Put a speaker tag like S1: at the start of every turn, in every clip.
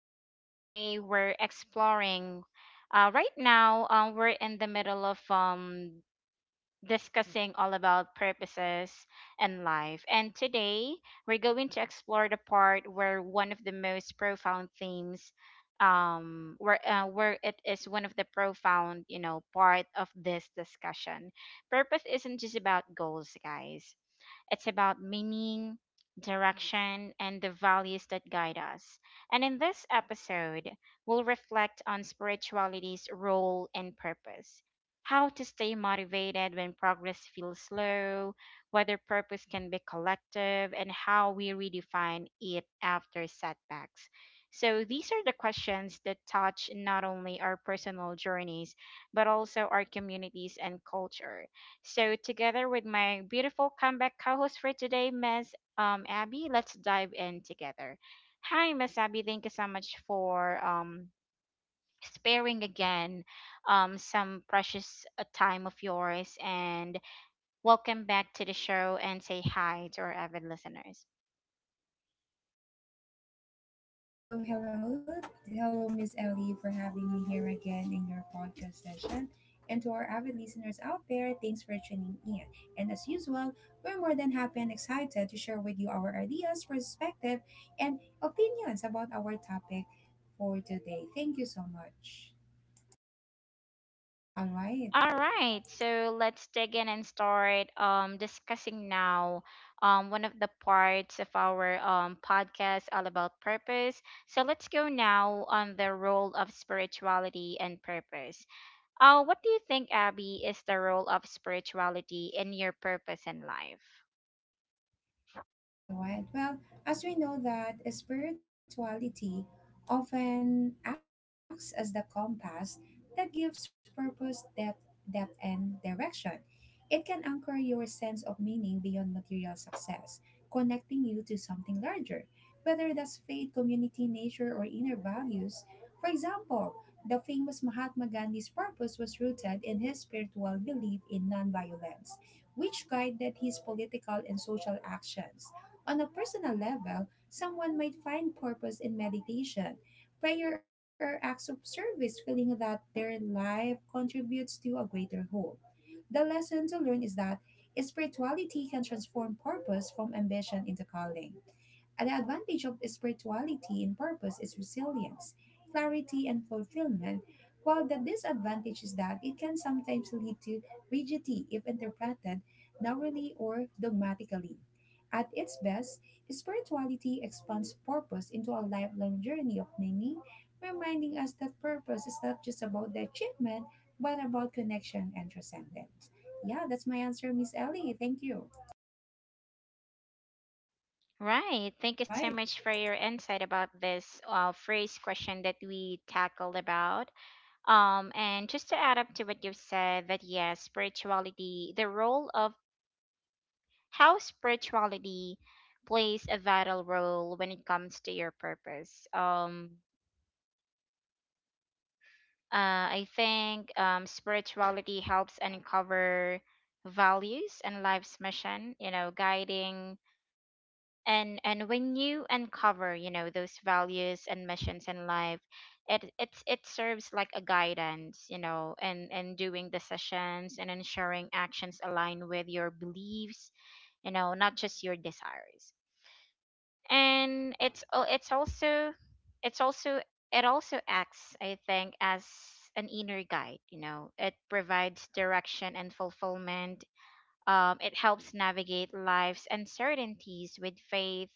S1: And today we're exploring. Right now, we're in the middle of discussing all about purposes and life. And today we're going to explore the part where one of the most profound themes, where it is one of the profound, part of this discussion. Purpose isn't just about goals, guys. It's about meaning, direction, and the values that guide us. And in this episode, we'll reflect on spirituality's role and purpose. How to stay motivated when progress feels slow, whether purpose can be collective, and how we redefine it after setbacks. So, these are the questions that touch not only our personal journeys, but also our communities and culture. So, together with my beautiful comeback co host for today, Ms. Abby, let's dive in together. Hi, Ms. Abby. Thank you so much for sparing again some precious time of yours. And welcome back to the show and say hi to our avid listeners.
S2: Hello, hello. Hello, Miss Ellie, for having me here again in your podcast session. And to our avid listeners out there, thanks for tuning in. And as usual, we're more than happy and excited to share with you our ideas, perspective, and opinions about our topic for today. Thank you so much. All right.
S1: All right, so let's dig in and start discussing now one of the parts of our podcast all about purpose. So let's go now on the role of spirituality and purpose. What do you think, Abby, is the role of spirituality in your purpose in life?
S2: All right. Well, as we know that spirituality often acts as the compass that gives purpose, depth and direction. It can anchor your sense of meaning beyond material success, connecting you to something larger, whether that's faith, community, nature, or inner values. For example, the famous Mahatma Gandhi's purpose was rooted in his spiritual belief in nonviolence, which guided his political and social actions. On a personal level, someone might find purpose in meditation, prayer, or acts of service, feeling that their life contributes to a greater whole. The lesson to learn is that spirituality can transform purpose from ambition into calling. And the advantage of spirituality in purpose is resilience, clarity, and fulfillment, while the disadvantage is that it can sometimes lead to rigidity if interpreted narrowly or dogmatically. At its best, spirituality expands purpose into a lifelong journey of meaning, reminding us that purpose is not just about the achievement, but about connection and transcendence. Yeah, that's my answer, Miss Ellie. Thank you.
S1: Right.
S2: All
S1: Thank you so
S2: right.
S1: much for your insight about this phrase question that we tackled about. And just to add up to what you've said, that yes, spirituality, the role of how spirituality plays a vital role when it comes to your purpose. I think spirituality helps uncover values and life's mission, guiding and when you uncover, those values and missions in life, it serves like a guidance, and doing decisions and ensuring actions align with your beliefs, not just your desires. And it's also it's also it also acts, I think, as an inner guide. You know, it provides direction and fulfillment. It helps navigate life's uncertainties with faith,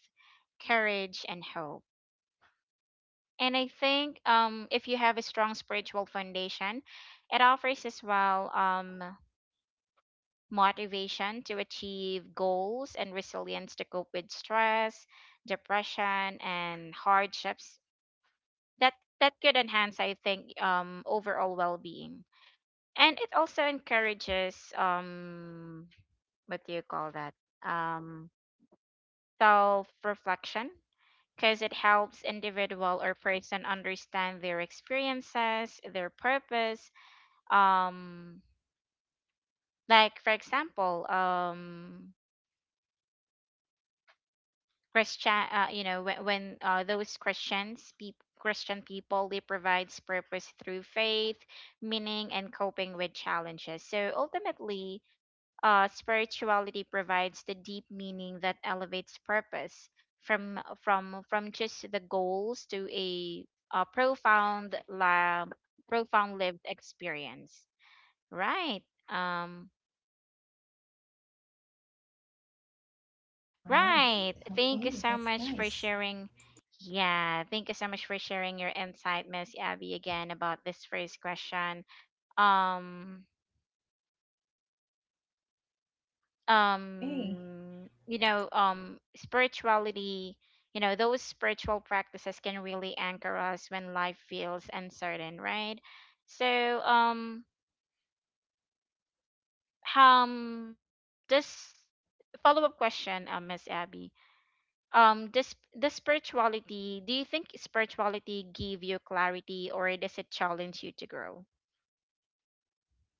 S1: courage, and hope. And I think, if you have a strong spiritual foundation, it offers as well motivation to achieve goals and resilience to cope with stress, depression, and hardships that, that could enhance, I think, overall well being. And it also encourages, what do you call that? Um, self-reflection because it helps individual or person understand their experiences, their purpose. Um, like for example, Christian, you know, when those Christians, peop Christian people, they provides purpose through faith, meaning, and coping with challenges. So ultimately, spirituality provides the deep meaning that elevates purpose from just the goals to a profound lab profound lived experience, right. um
S2: All right.
S1: right Thank you
S2: Okay,
S1: so
S2: that's
S1: much for
S2: nice.
S1: sharing. Yeah, thank you so much for sharing your insight, Miss Abby, again, about this first question. um
S2: Okay.
S1: Spirituality, you know, those spiritual practices can really anchor us when life feels uncertain, right? So, um this follow-up question, Miss Abby, does the spirituality, do you think spirituality give you clarity or does it challenge you to grow?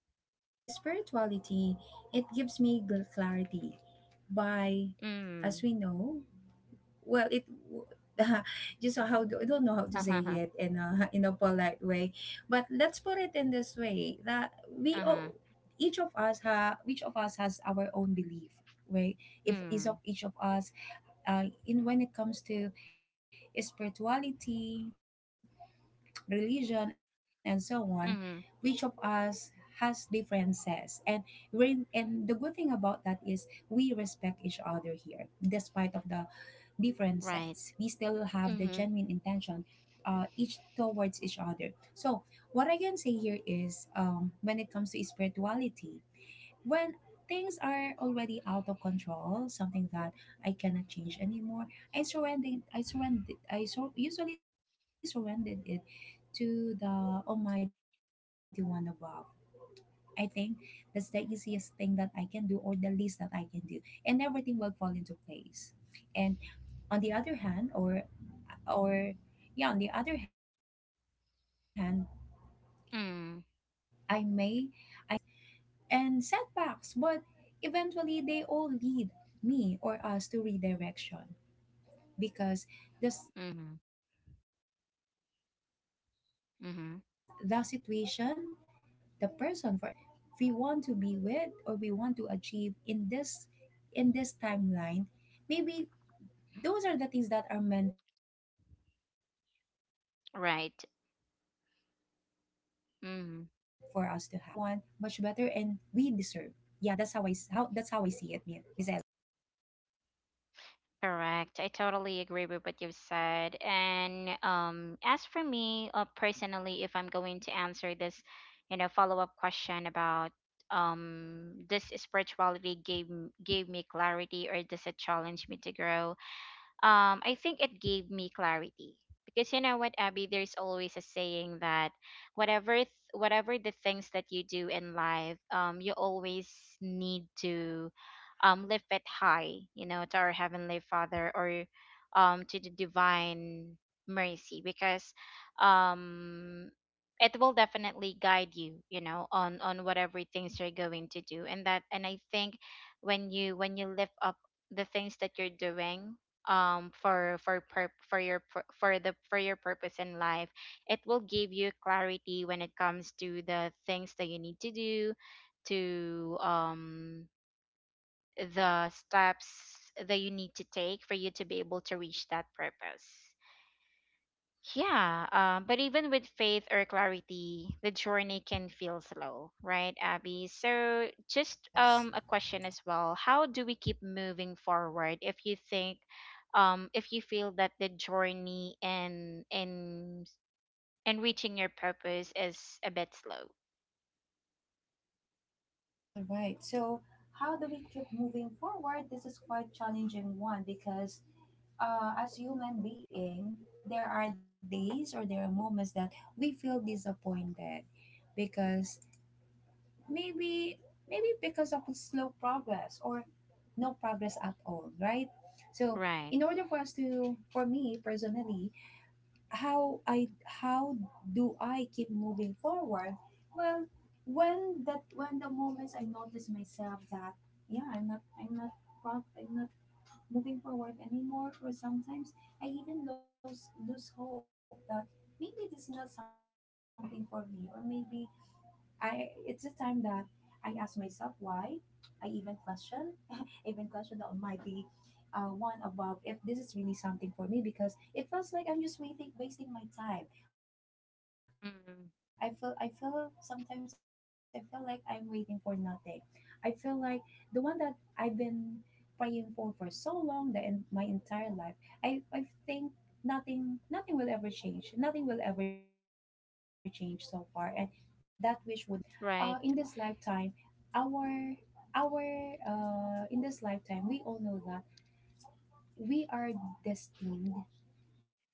S2: Okay, well, spirituality, it gives me good clarity by, as
S1: Mm.
S2: we know, well, it just how do, I don't know how to say
S1: Uh-huh.
S2: it in a polite way, but let's put it in this way that we all, each of us has our own belief, right? If
S1: Mm.
S2: each of us, in when it comes to spirituality, religion, and so on, which of us
S1: Mm-hmm.
S2: has differences. And we're and the good thing about that is we respect each other here despite of the differences.
S1: Right.
S2: We still have the
S1: Mm-hmm.
S2: genuine intention, each towards each other. So what I can say here is, when it comes to spirituality, when things are already out of control, something that I cannot change anymore, I usually surrendered it to the Almighty One above. I think that's the easiest thing that I can do, or the least that I can do. And everything will fall into place. And on the other hand, or yeah, on the other hand, I may I may experience
S1: Mm.
S2: rejection, disappointments, and setbacks, but eventually they all lead me or us to redirection, because this
S1: Mm-hmm.
S2: the situation, the person, for example,
S1: Mm-hmm.
S2: or yeah, the situation, the goal, the person that we want to be with or we want to achieve in this timeline, maybe those are the things that are meant for us to have. So we are
S1: Right.
S2: redirected to something or someone much
S1: Mm,
S2: better and we deserve. Yeah, that's how that's how I see it, Miss Ella.
S1: correct. I totally agree with what you've said. And as for me, personally, if I'm going to answer this, follow-up question about this spirituality gave me clarity, or does it challenge me to grow? I think it gave me clarity because you know what, Abby, there's always a saying that whatever the things that you do in life, you always need to lift it high, you know, to our heavenly Father or to the divine mercy because um it will definitely guide you, you know, on whatever things you're going to do. And that, and I think when you lift up the things that you're doing for pur- for your pur- for the for your purpose in life, it will give you clarity when it comes to the things that you need to do to the steps that you need to take for you to be able to reach that purpose. Yeah, but even with faith or clarity, the journey can feel slow, right, Abby? So, just
S2: Yes.
S1: a question as well. How do we keep moving forward if you think, if you feel that the journey and reaching your purpose is a bit slow,
S2: All right. So how do we keep moving forward? This is quite challenging one, because as human being, there are days or there are moments that we feel disappointed, because maybe maybe because of slow progress, or no progress at all, right? So in
S1: right?
S2: order for us to, for me personally, how I, how do I keep moving forward? Well, when that, when the moments I notice myself that, yeah, I'm not moving forward anymore, or sometimes I even lose hope that maybe this is not something for me, or maybe I it's the time that I ask myself why. I even question, I even question the almighty, one above, if this is really something for me, because it feels like I'm just waiting, wasting my time. I feel sometimes I feel like I'm
S1: Mm,
S2: waiting for nothing. I feel like the one that I've been praying for so long, that in my entire life, I think nothing will ever change. Nothing will ever change so far, and that wish would not be granted. Well, that's quiet personal. However,
S1: right.
S2: in this lifetime, our, in this lifetime, we all know that we are destined,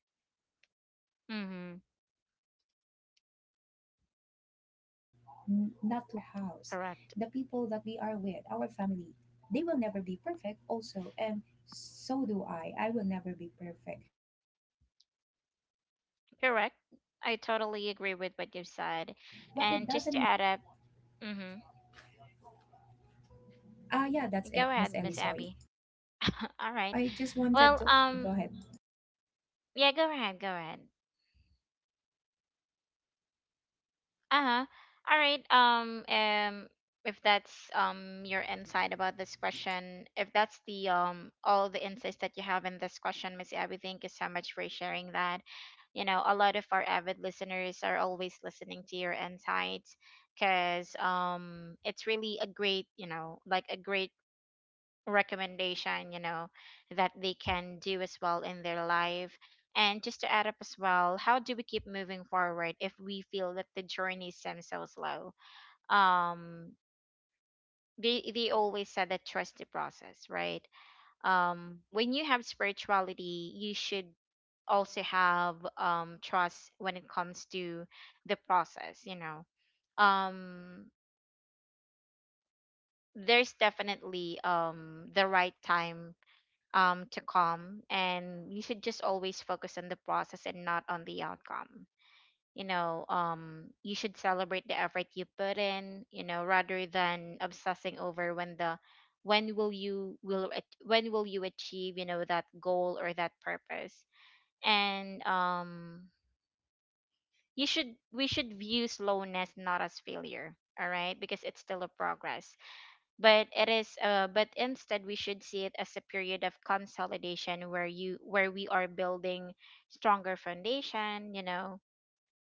S2: not to be perfect.
S1: Mm-hmm.
S2: Even our lifestyle, our living, our house, the people that we are
S1: Correct.
S2: with, our family, they will never be perfect also. And so do I will never be perfect. But it doesn't mean that, um,
S1: Correct.
S2: we
S1: I
S2: will use
S1: totally
S2: that
S1: agree
S2: as—
S1: with what you said. And just to add up, mm-hmm.
S2: Yeah, that's it, Miss Ellie.
S1: Go
S2: Sorry.
S1: ahead, Miss Abby. All
S2: Now,
S1: right.
S2: I just wanted
S1: Well,
S2: to go ahead.
S1: yeah, go ahead.
S2: Yeah, I wanted to
S1: Uh-huh.
S2: say that.
S1: All right. If that's your insight about this question, if that's the all the insights that you have in this question, Miss Abby, thank you so much for sharing that. You know, a lot of our avid listeners are always listening to your insights because it's really a great, you know, like a great recommendation, you know, that they can do as well in their life. And just to add up as well, how do we keep moving forward if we feel that the journey seems so slow? um they always said that trust the process, right? When you have spirituality, you should also have trust when it comes to the process, you know. um there's definitely the right time to come, and you should just always focus on the process and not on the outcome, you know. You should celebrate the effort you put in, you know, rather than obsessing over when the when will you will it- when will you achieve, you know, that goal or that purpose. And you should, we should view slowness not as failure, all right, because it's still a progress. But it is But instead we should see it as a period of consolidation where you where we are building stronger foundation, you know,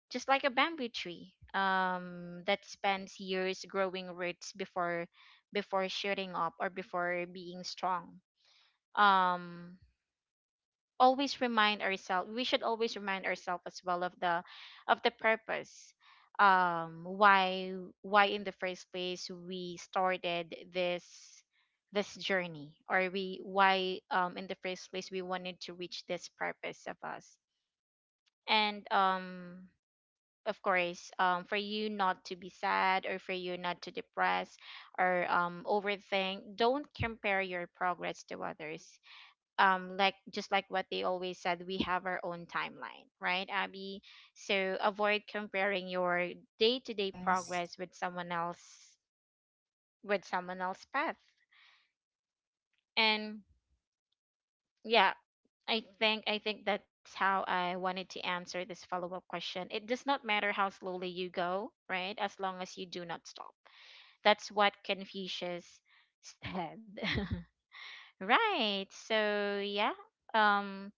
S1: just like a bamboo tree, that spends years growing roots before shooting up or before being strong. um Always remind ourselves, we should always remind ourselves as well of the purpose, why, in the first place we started this journey, or we why in the first place we wanted to reach this purpose of us. And of course, for you not to be sad or for you not to depress or overthink, don't compare your progress to others. Just like what they always said, we have our own timeline, right, Abby? So avoid comparing your day-to-day
S2: Yes.
S1: progress with someone else with someone else's path. And yeah, I think that's how I wanted to answer this follow-up question. It does not matter how slowly you go, right, as long as you do not stop. That's what Confucius said. Right, so yeah. um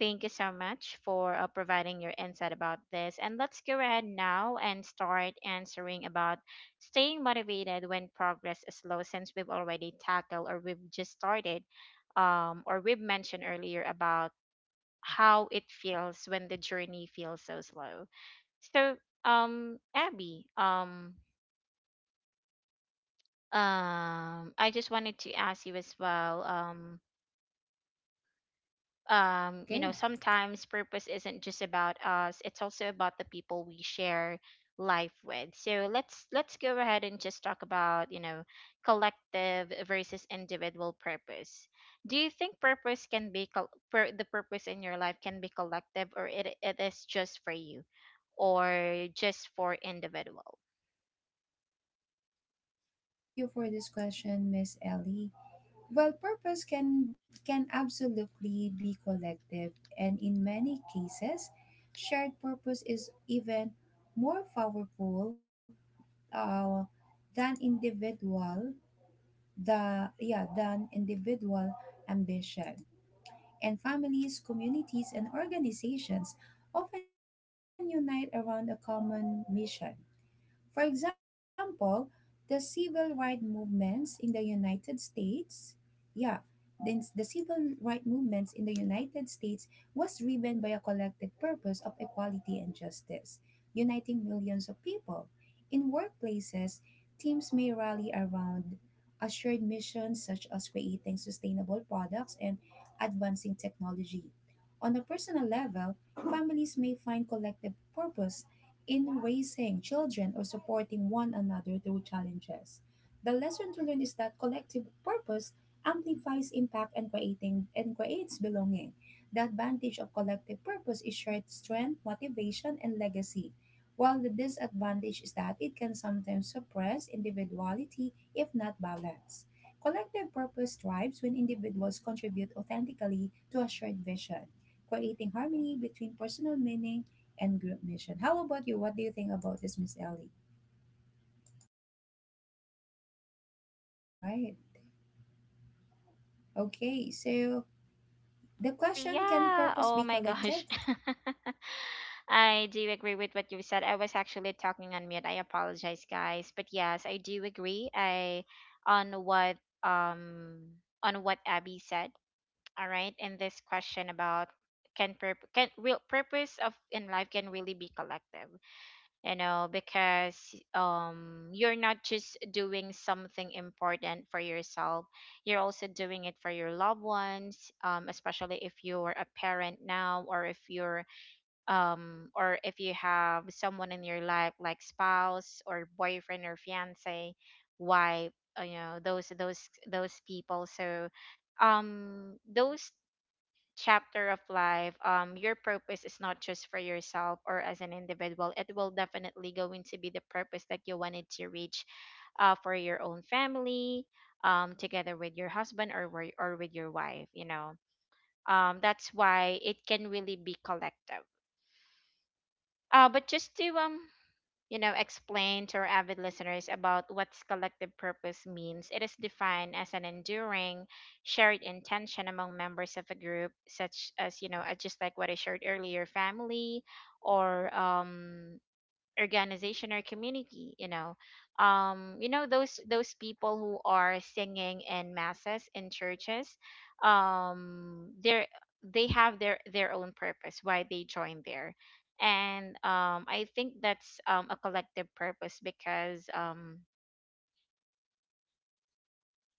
S1: Thank you so much for providing your insight about this. And let's go ahead now and start answering about staying motivated when progress is slow, since we've already tackled, or we've just started, or we've mentioned earlier about how it feels when the journey feels so slow. So, Abby, I just wanted to ask you as well, you know,
S2: Okay.
S1: sometimes purpose isn't just about us, it's also about the people we share life with. So, let's go ahead and just talk about, you know, collective versus individual purpose. Do you think purpose can be the purpose in your life can be collective, or it is just for you or just for individual?
S2: Okay, well, thank you for this question, Miss Ellie. Well, purpose can absolutely be collective, and in many cases, shared purpose is even more powerful, uh, than individual. The yeah, than individual ambition. And families, communities, and organizations often unite around a common mission. For example, the civil rights movements in the United States, yeah, the civil rights movements in the United States was driven by a collective purpose of equality and justice, uniting millions of people. In workplaces, teams may rally around a shared mission, such as creating sustainable products and advancing technology. On a personal level, families may find collective purpose in raising children or supporting one another through challenges. The lesson to learn is that collective purpose amplifies impact, and creating and creates belonging. The advantage of collective purpose is shared strength, motivation, and legacy, while the disadvantage is that it can sometimes suppress individuality if not balanced. Collective purpose thrives when individuals contribute authentically to a shared vision, creating harmony between personal meaning and group mission. How about you? What do you think about this, Miss Ellie? All right. Okay. So the
S1: Oh
S2: question, can
S1: yeah.
S2: purpose
S1: Oh
S2: be
S1: my gosh.
S2: collective?
S1: I do agree with what you said. I was actually talking on mute. I apologize, guys. But yes, I do agree. I on what um on what Abby said. All right, and this question about can real purpose of in life can really be collective, you know, because you're not just doing something important for yourself, you're also doing it for your loved ones. Especially if you're a parent now, or if you're or if you have someone in your life, like spouse or boyfriend or fiance, wife. You know, those people. So those chapter of life, your purpose is not just for yourself or as an individual. It will definitely going to be the purpose that you wanted to reach, for your own family, together with your husband or or with your wife. You know, that's why it can really be collective. But just to you know, explain to our avid listeners about what collective purpose means. It is defined as an enduring shared intention among members of a group, such as, just like what I shared earlier, family or organization or community. Those people who are singing in masses in churches, um they're they have their own purpose why they join there. And um i think that's a collective purpose because, um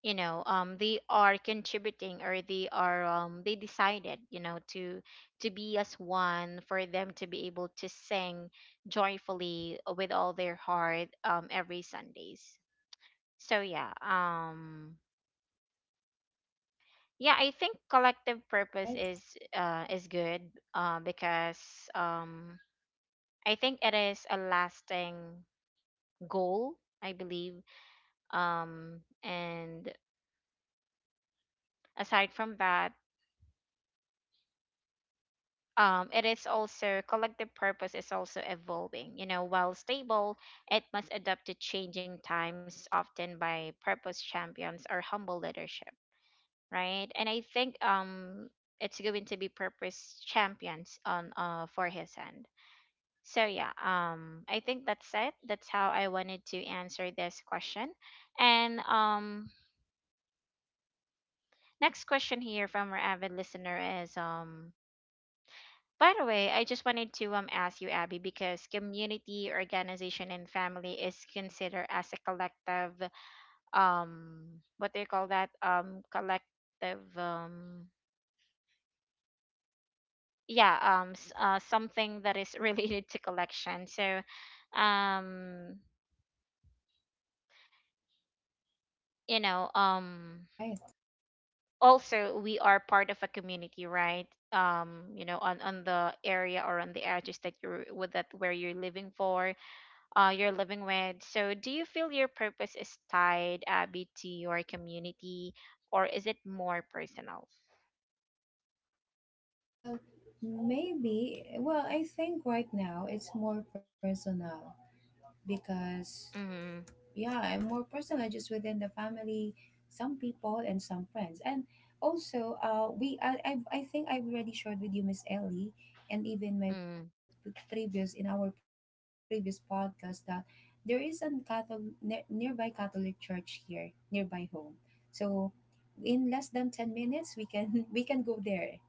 S1: you know um they are contributing, or they are, they decided, you know, to be as one for them to be able to sing joyfully with all their heart, every Sundays. So yeah um yeah i think collective
S2: All
S1: purpose
S2: right.
S1: is good, because um I think it is a lasting goal, I believe. And aside from that, it is also, collective purpose is also evolving, you know, while stable. It must adapt to changing times, often by purpose champions or humble leadership. Right? And I think it's going to be purpose champions on for his end. I think that's it. That's how I wanted to answer this question. And Next question here from our avid listener is by the way, I just wanted to ask you, Abby, because community, organization, and family is considered as a collective, um what do you call that, collective,
S2: All right.
S1: something that is related to collection. So, um you know
S2: All
S1: um
S2: right.
S1: also we are part of a community, right? You know on the area, or on the areas that you're with, that where you're living for, you're living with. So, do you feel your purpose is tied, Abby, to your community, or is it more personal?
S2: Well, maybe. Well, I think right now it's more personal, because,
S1: Mm-hmm.
S2: yeah, and more personal just within the family, some people and some friends. And also, we I I've, I think I've already shared with you, Miss Ellie, and even my p-
S1: Mm.
S2: previous in our previous podcast, that there is a Catholic, nearby Catholic church here, nearby home. So in less than 10 minutes, we can we can go there right away.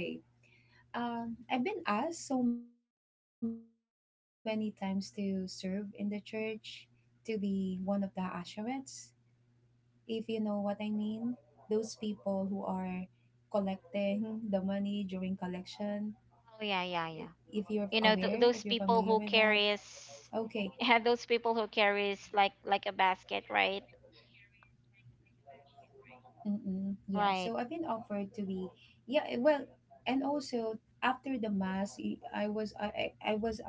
S2: I've been asked so many times to serve in the church, to be one of the asherites, if you know what I mean. Those people who are collecting the money during collection. i- If you're aware,
S1: Oh,
S2: if
S1: yeah,
S2: you're
S1: yeah, yeah.
S2: familiar with that.
S1: You know, those people
S2: Okay.
S1: who carries, yeah, those people who carries like a basket, right?
S2: Mm-mm. Yeah. So I've been offered to be,
S1: Right.
S2: yeah, well, and also after the mass, y- I was, I was,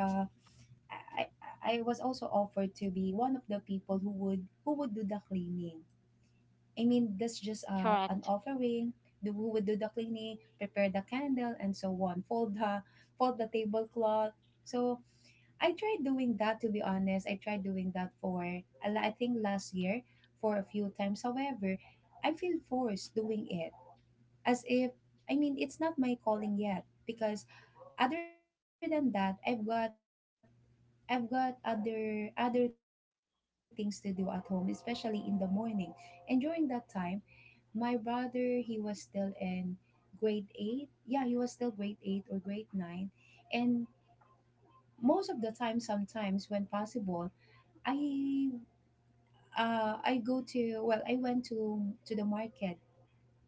S2: I, I I was also offered to be one of the people who would do the cleaning. I mean, that's just an
S1: Correct.
S2: offering. The who would do the cleaning, prepare the candle, and so on. Fold the tablecloth. So I tried doing that. To be honest, I tried doing that for, I think, last year, for a few times. However, I feel forced doing it, as if, I mean, it's not my calling yet, because other than that, I've got other things to do at home, especially in the morning. And during that time, my brother, he was still in grade 8. Yeah, he was still grade 8 or grade 9. And most of the time, sometimes when possible, I I go to, well, I went to the market.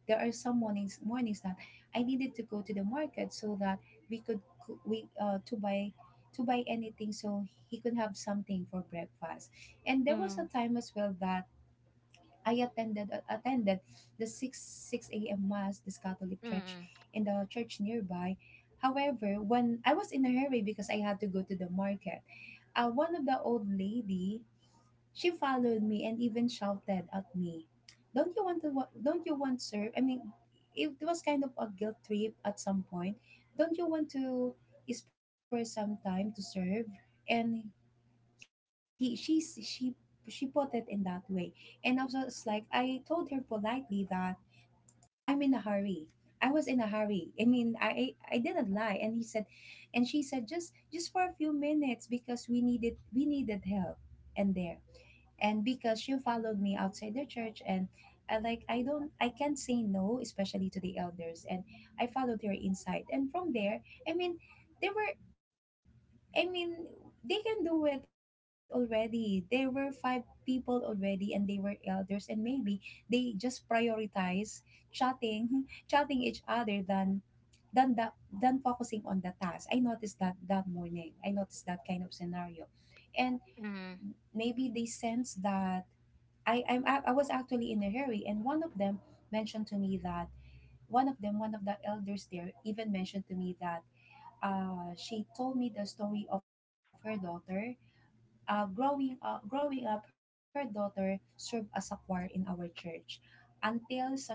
S2: There are some mornings that I needed to go to the market, so that we could coo- we to buy anything, so he could have something for breakfast. And there was a
S1: Mm.
S2: time as well that I attended, attended the 6 a.m. mass, this Catholic church,
S1: Mm.
S2: in the church nearby. However, when I was in a hurry, because I had to go to the market, one of the old lady, she followed me and even shouted at me, "Don't you want to don't you want serve?" I mean, it was kind of a guilt trip at some point. "Don't you want to spare some time to serve?" And he she put it in that way. And I was just like, I told her politely that I'm in a hurry. I was in a hurry. I mean, I didn't lie. And she said, just for a few minutes, because we needed help. And there, and because she followed me outside the church and, I like I don't I can't say no, especially to the elders. And I followed her inside, and from there, they were, I mean they can do it already. There were five people already, and they were elders. And maybe they just prioritize chatting chatting each other than that than focusing on the task. I noticed that that morning. I noticed that kind of scenario. And
S1: Mm.
S2: maybe they sense that I was actually in a hurry. And one of them mentioned to me that one of the elders there even mentioned to me that she told me the story of her daughter. Growing up, her daughter served as a choir in our church until such time that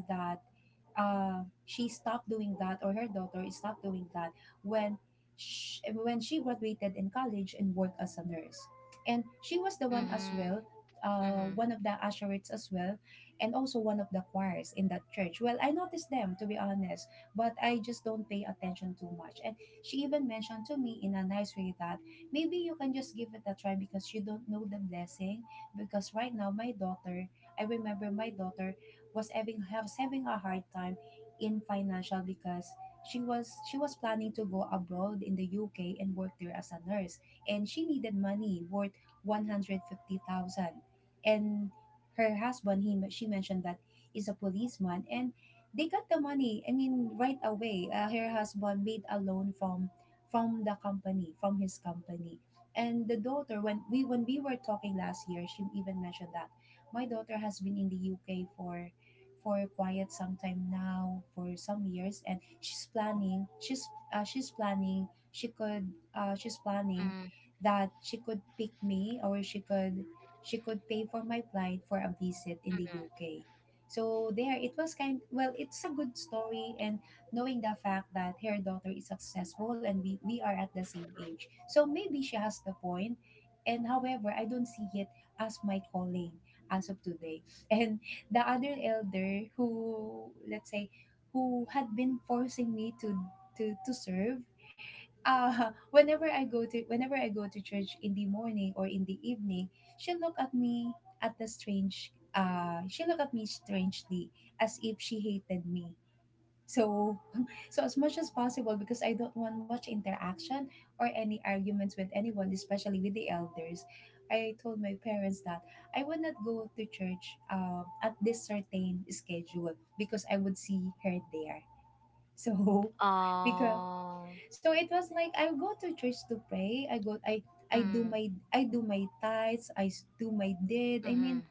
S2: uh, she stopped doing that, or her daughter stopped doing that when when she graduated in college and worked as a nurse. And she was the one as well,
S1: Mm.
S2: one of
S1: Mm.
S2: the usherates as well, and also one of the choirs in that church. Well, I noticed them, to be honest, but I just don't pay attention too much. And she even mentioned to me in a nice way that maybe you can just give it a try because you don't know the blessing. Because right now my daughter, I remember my daughter was having a hard time in financial because she was planning to go abroad in the UK and work there as a nurse. And she needed money worth 150,000. And her husband, he she mentioned that is a policeman, and they got the money, I mean, right away. Her husband made a loan from the company from his company. And the daughter, when we were talking last year, she even mentioned that my daughter has been in the UK for quite some time now, for some years, and she's planning. She's planning. She could. She's planning
S1: Mm.
S2: that she could pick me, or she could pay for my flight for a visit in the UK. So there, it was kind. Well, it's a good story, and knowing the fact that her daughter is successful and we are at the same age. So maybe she has the point. And However, I don't see it as my calling as of today. And the other elder who, let's say, who had been forcing me to to serve, whenever I go to church in the morning or in the evening, she'll look at me at the strange. She look at me strangely as if she hated me. So, so as much as possible, because I don't want much interaction or any arguments with anyone, especially with the elders, I told my parents that I would not go to church at this certain schedule because I would see her there. So, because
S1: Oh.
S2: so it was like I go to church to pray. I go. I
S1: Mm.
S2: I do my tithes. I s- do my did. I mean,
S1: Mm.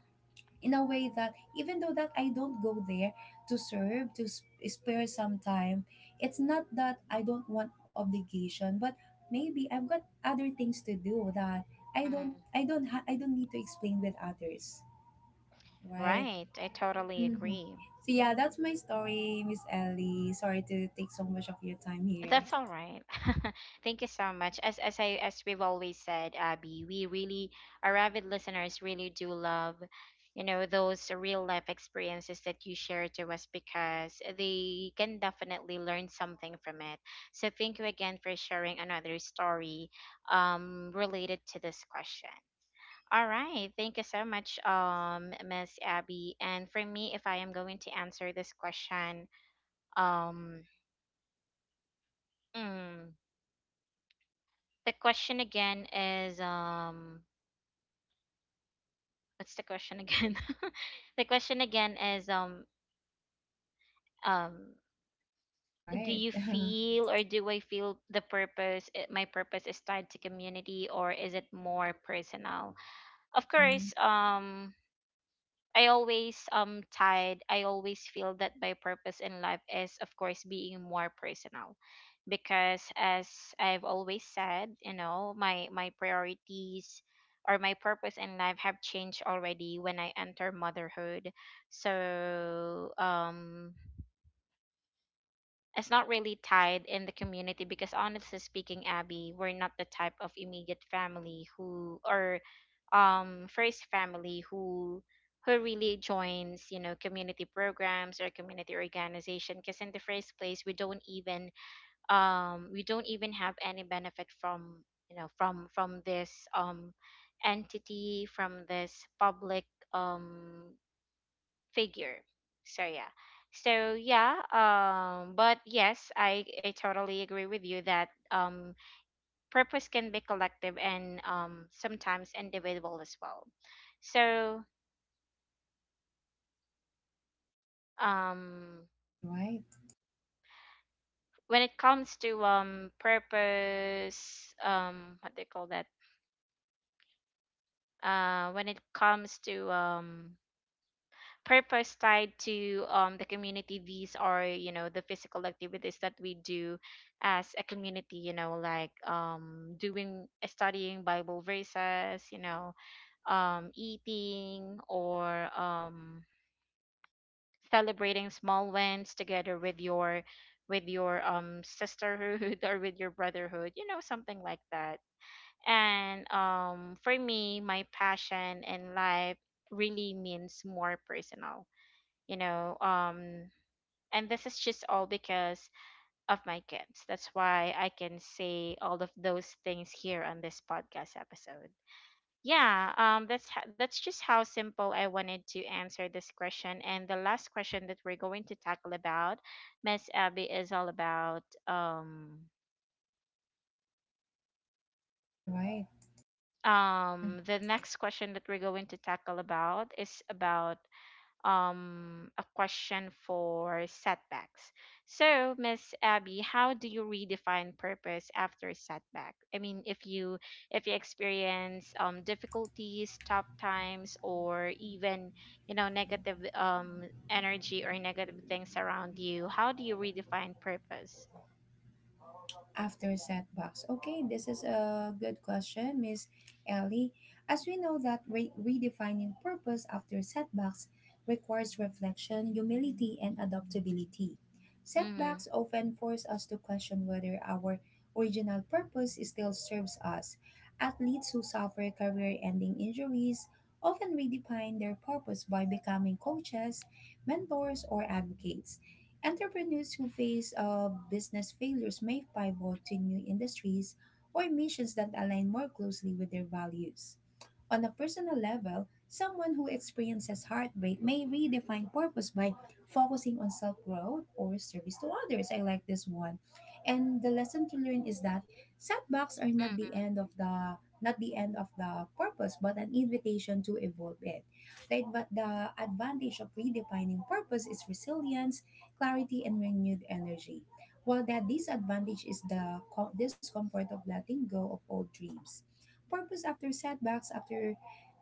S2: in a way that even though that I don't go there to serve, to spare some time, it's not that I don't want obligation, but maybe I've got other things to do that
S1: Mm.
S2: I don't need to explain with others, right?
S1: Right. I totally
S2: Mm-hmm.
S1: agree.
S2: So yeah, that's my story, Miss Ellie. Sorry to take so much of your time here.
S1: That's all right. Thank you so much. As we've always said, Abby, we really, our avid listeners really do love, you know, those real life experiences that you share to us, because they can definitely learn something from it. So thank you again for sharing another story related to this question. All right, thank you so much, Miss Abby. And for me, if I am going to answer this question, um, mm, the question again is what's the question again the question again is um
S2: All
S1: do
S2: right.
S1: you feel, or do I feel, the my purpose is tied to community, or is it more personal? Of
S2: Mm-mm.
S1: course, I always tied. I always feel that my purpose in life is, of course, being more personal, because as I've always said, you know, my priorities or my purpose in life have changed already when I enter motherhood. So, it's not really tied in the community, because honestly speaking, Abby, we're not the type of immediate family who, or first family who really joins, you know, community programs or community organization, because in the first place, we don't even, we don't even have any benefit from, you know, from this entity, from this public um figure. So yeah. So yeah, but yes, I totally agree with you that purpose can be collective, and sometimes individual as well. So, um
S2: All right.
S1: when it comes to purpose, what they call that? When it comes to purpose tied to, the community, these are, you know, the physical activities that we do as a community, you know, like, doing, studying bible verses, you know, eating, or celebrating small wins together with your, sisterhood, or with your brotherhood, you know, something like that. And For me, my passion in life really means more personal, you know um and this is just all because of my kids. That's why I can say all of those things here on this podcast episode. Yeah, that's just how simple I wanted to answer this question. And the last question that we're going to tackle about, Miss Abby, is all about um
S2: All right. Hmm.
S1: the next question that we're going to tackle about is about a question for setbacks. So, Miss Abby, how do you redefine purpose after setback? I mean, if you experience, difficulties, tough times, or even, you know, negative, energy, or negative things around you, how do you redefine purpose?
S2: After setbacks? Okay, this is a good question, Miss Ellie. As we know that redefining purpose after setbacks requires reflection, humility, and adaptability.
S1: Mm-hmm.
S2: Setbacks often force us to question whether our original purpose still serves us. Athletes who suffer career-ending injuries often redefine their purpose by becoming coaches, mentors, or advocates. Entrepreneurs who face business failures may pivot to new industries or missions that align more closely with their values. On a personal level, someone who experiences heartbreak may redefine purpose by focusing on self growth or service to others. I like this one. And the lesson to learn is that setbacks are not the end of the not the end of the purpose, but an invitation to evolve it. Right? But the advantage of redefining purpose is resilience, clarity, and renewed energy. While the disadvantage is the discomfort of letting go of old dreams. Purpose after setbacks after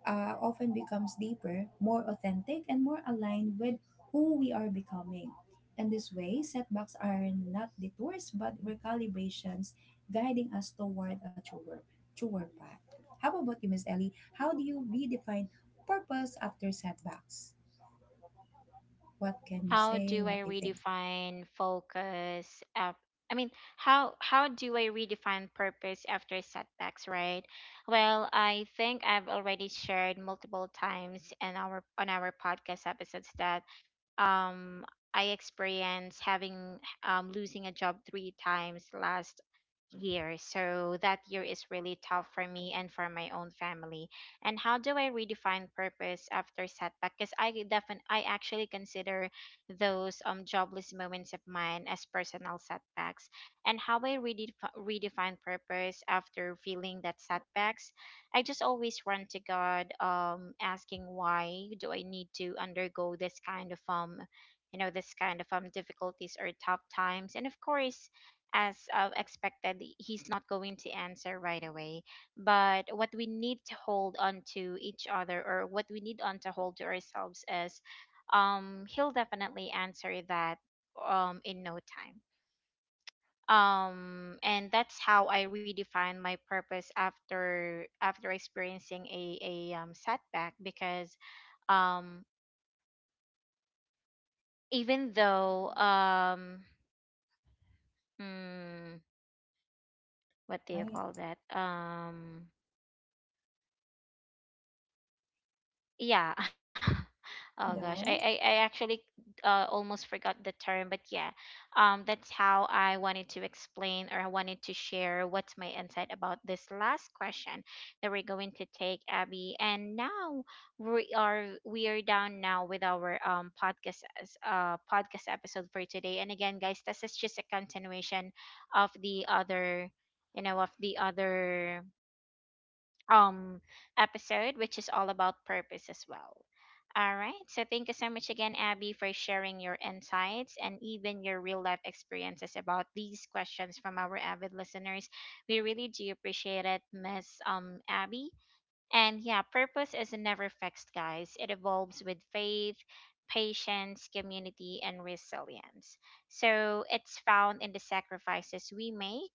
S2: often becomes deeper, more authentic, and more aligned with who we are becoming. In this way, setbacks are not detours but recalibrations, guiding us toward a truer, path. How about you, Miss Ellie? How do you redefine purpose after setbacks? What can you
S1: How
S2: say?
S1: do I
S2: What do you think?
S1: redefine focus? I mean, how do I redefine purpose after setbacks, right? Well, I think I've already shared multiple times in our on our podcast episodes that um I experienced having losing a job three times last year. So that year is really tough for me and for my own family. And how do I redefine purpose after setback? Because I definitely, I actually consider those jobless moments of mine as personal setbacks. And how I redefine purpose after feeling that setbacks, I just always run to God, asking why do I need to undergo this kind of, you know, this kind of difficulties or tough times. And of course, as expected, He's not going to answer right away. But what we need to hold on to each other, or what we need on to hold to ourselves, is, He'll definitely answer that in no time, and that's how I redefine my purpose after experiencing a setback, because um even though um mm, what
S2: All
S1: do you
S2: right,
S1: call that, yeah. Oh gosh,
S2: Bendo.
S1: I actually almost forgot the term, but yeah, that's how I wanted to explain, or I wanted to share what's my insight about this last question that we're going to take, Abby. And now we are down now with our podcast episode for today. And again, guys, this is just a continuation of the other, you know, of the other um episode, which is all about purpose as well. All right. So thank you so much again, Abby, for sharing your insights and even your real life experiences about these questions from our avid listeners. We really do appreciate it, Miss Abby. And yeah, purpose is never fixed, guys. It evolves with faith, patience, community, and resilience. So it's found in the sacrifices we make,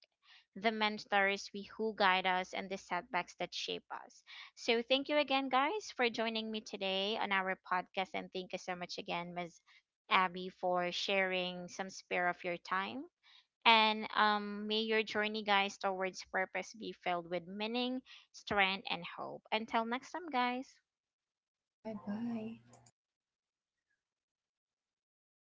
S1: the mentors we who guide us, and the setbacks that shape us. So thank you again, guys, for joining me today on our podcast, and thank you so much again, Ms. Abby, for sharing some spare of your time, and may your journey, guys, towards purpose be filled with meaning, strength, and hope. Until next time, guys.
S2: All right, bye.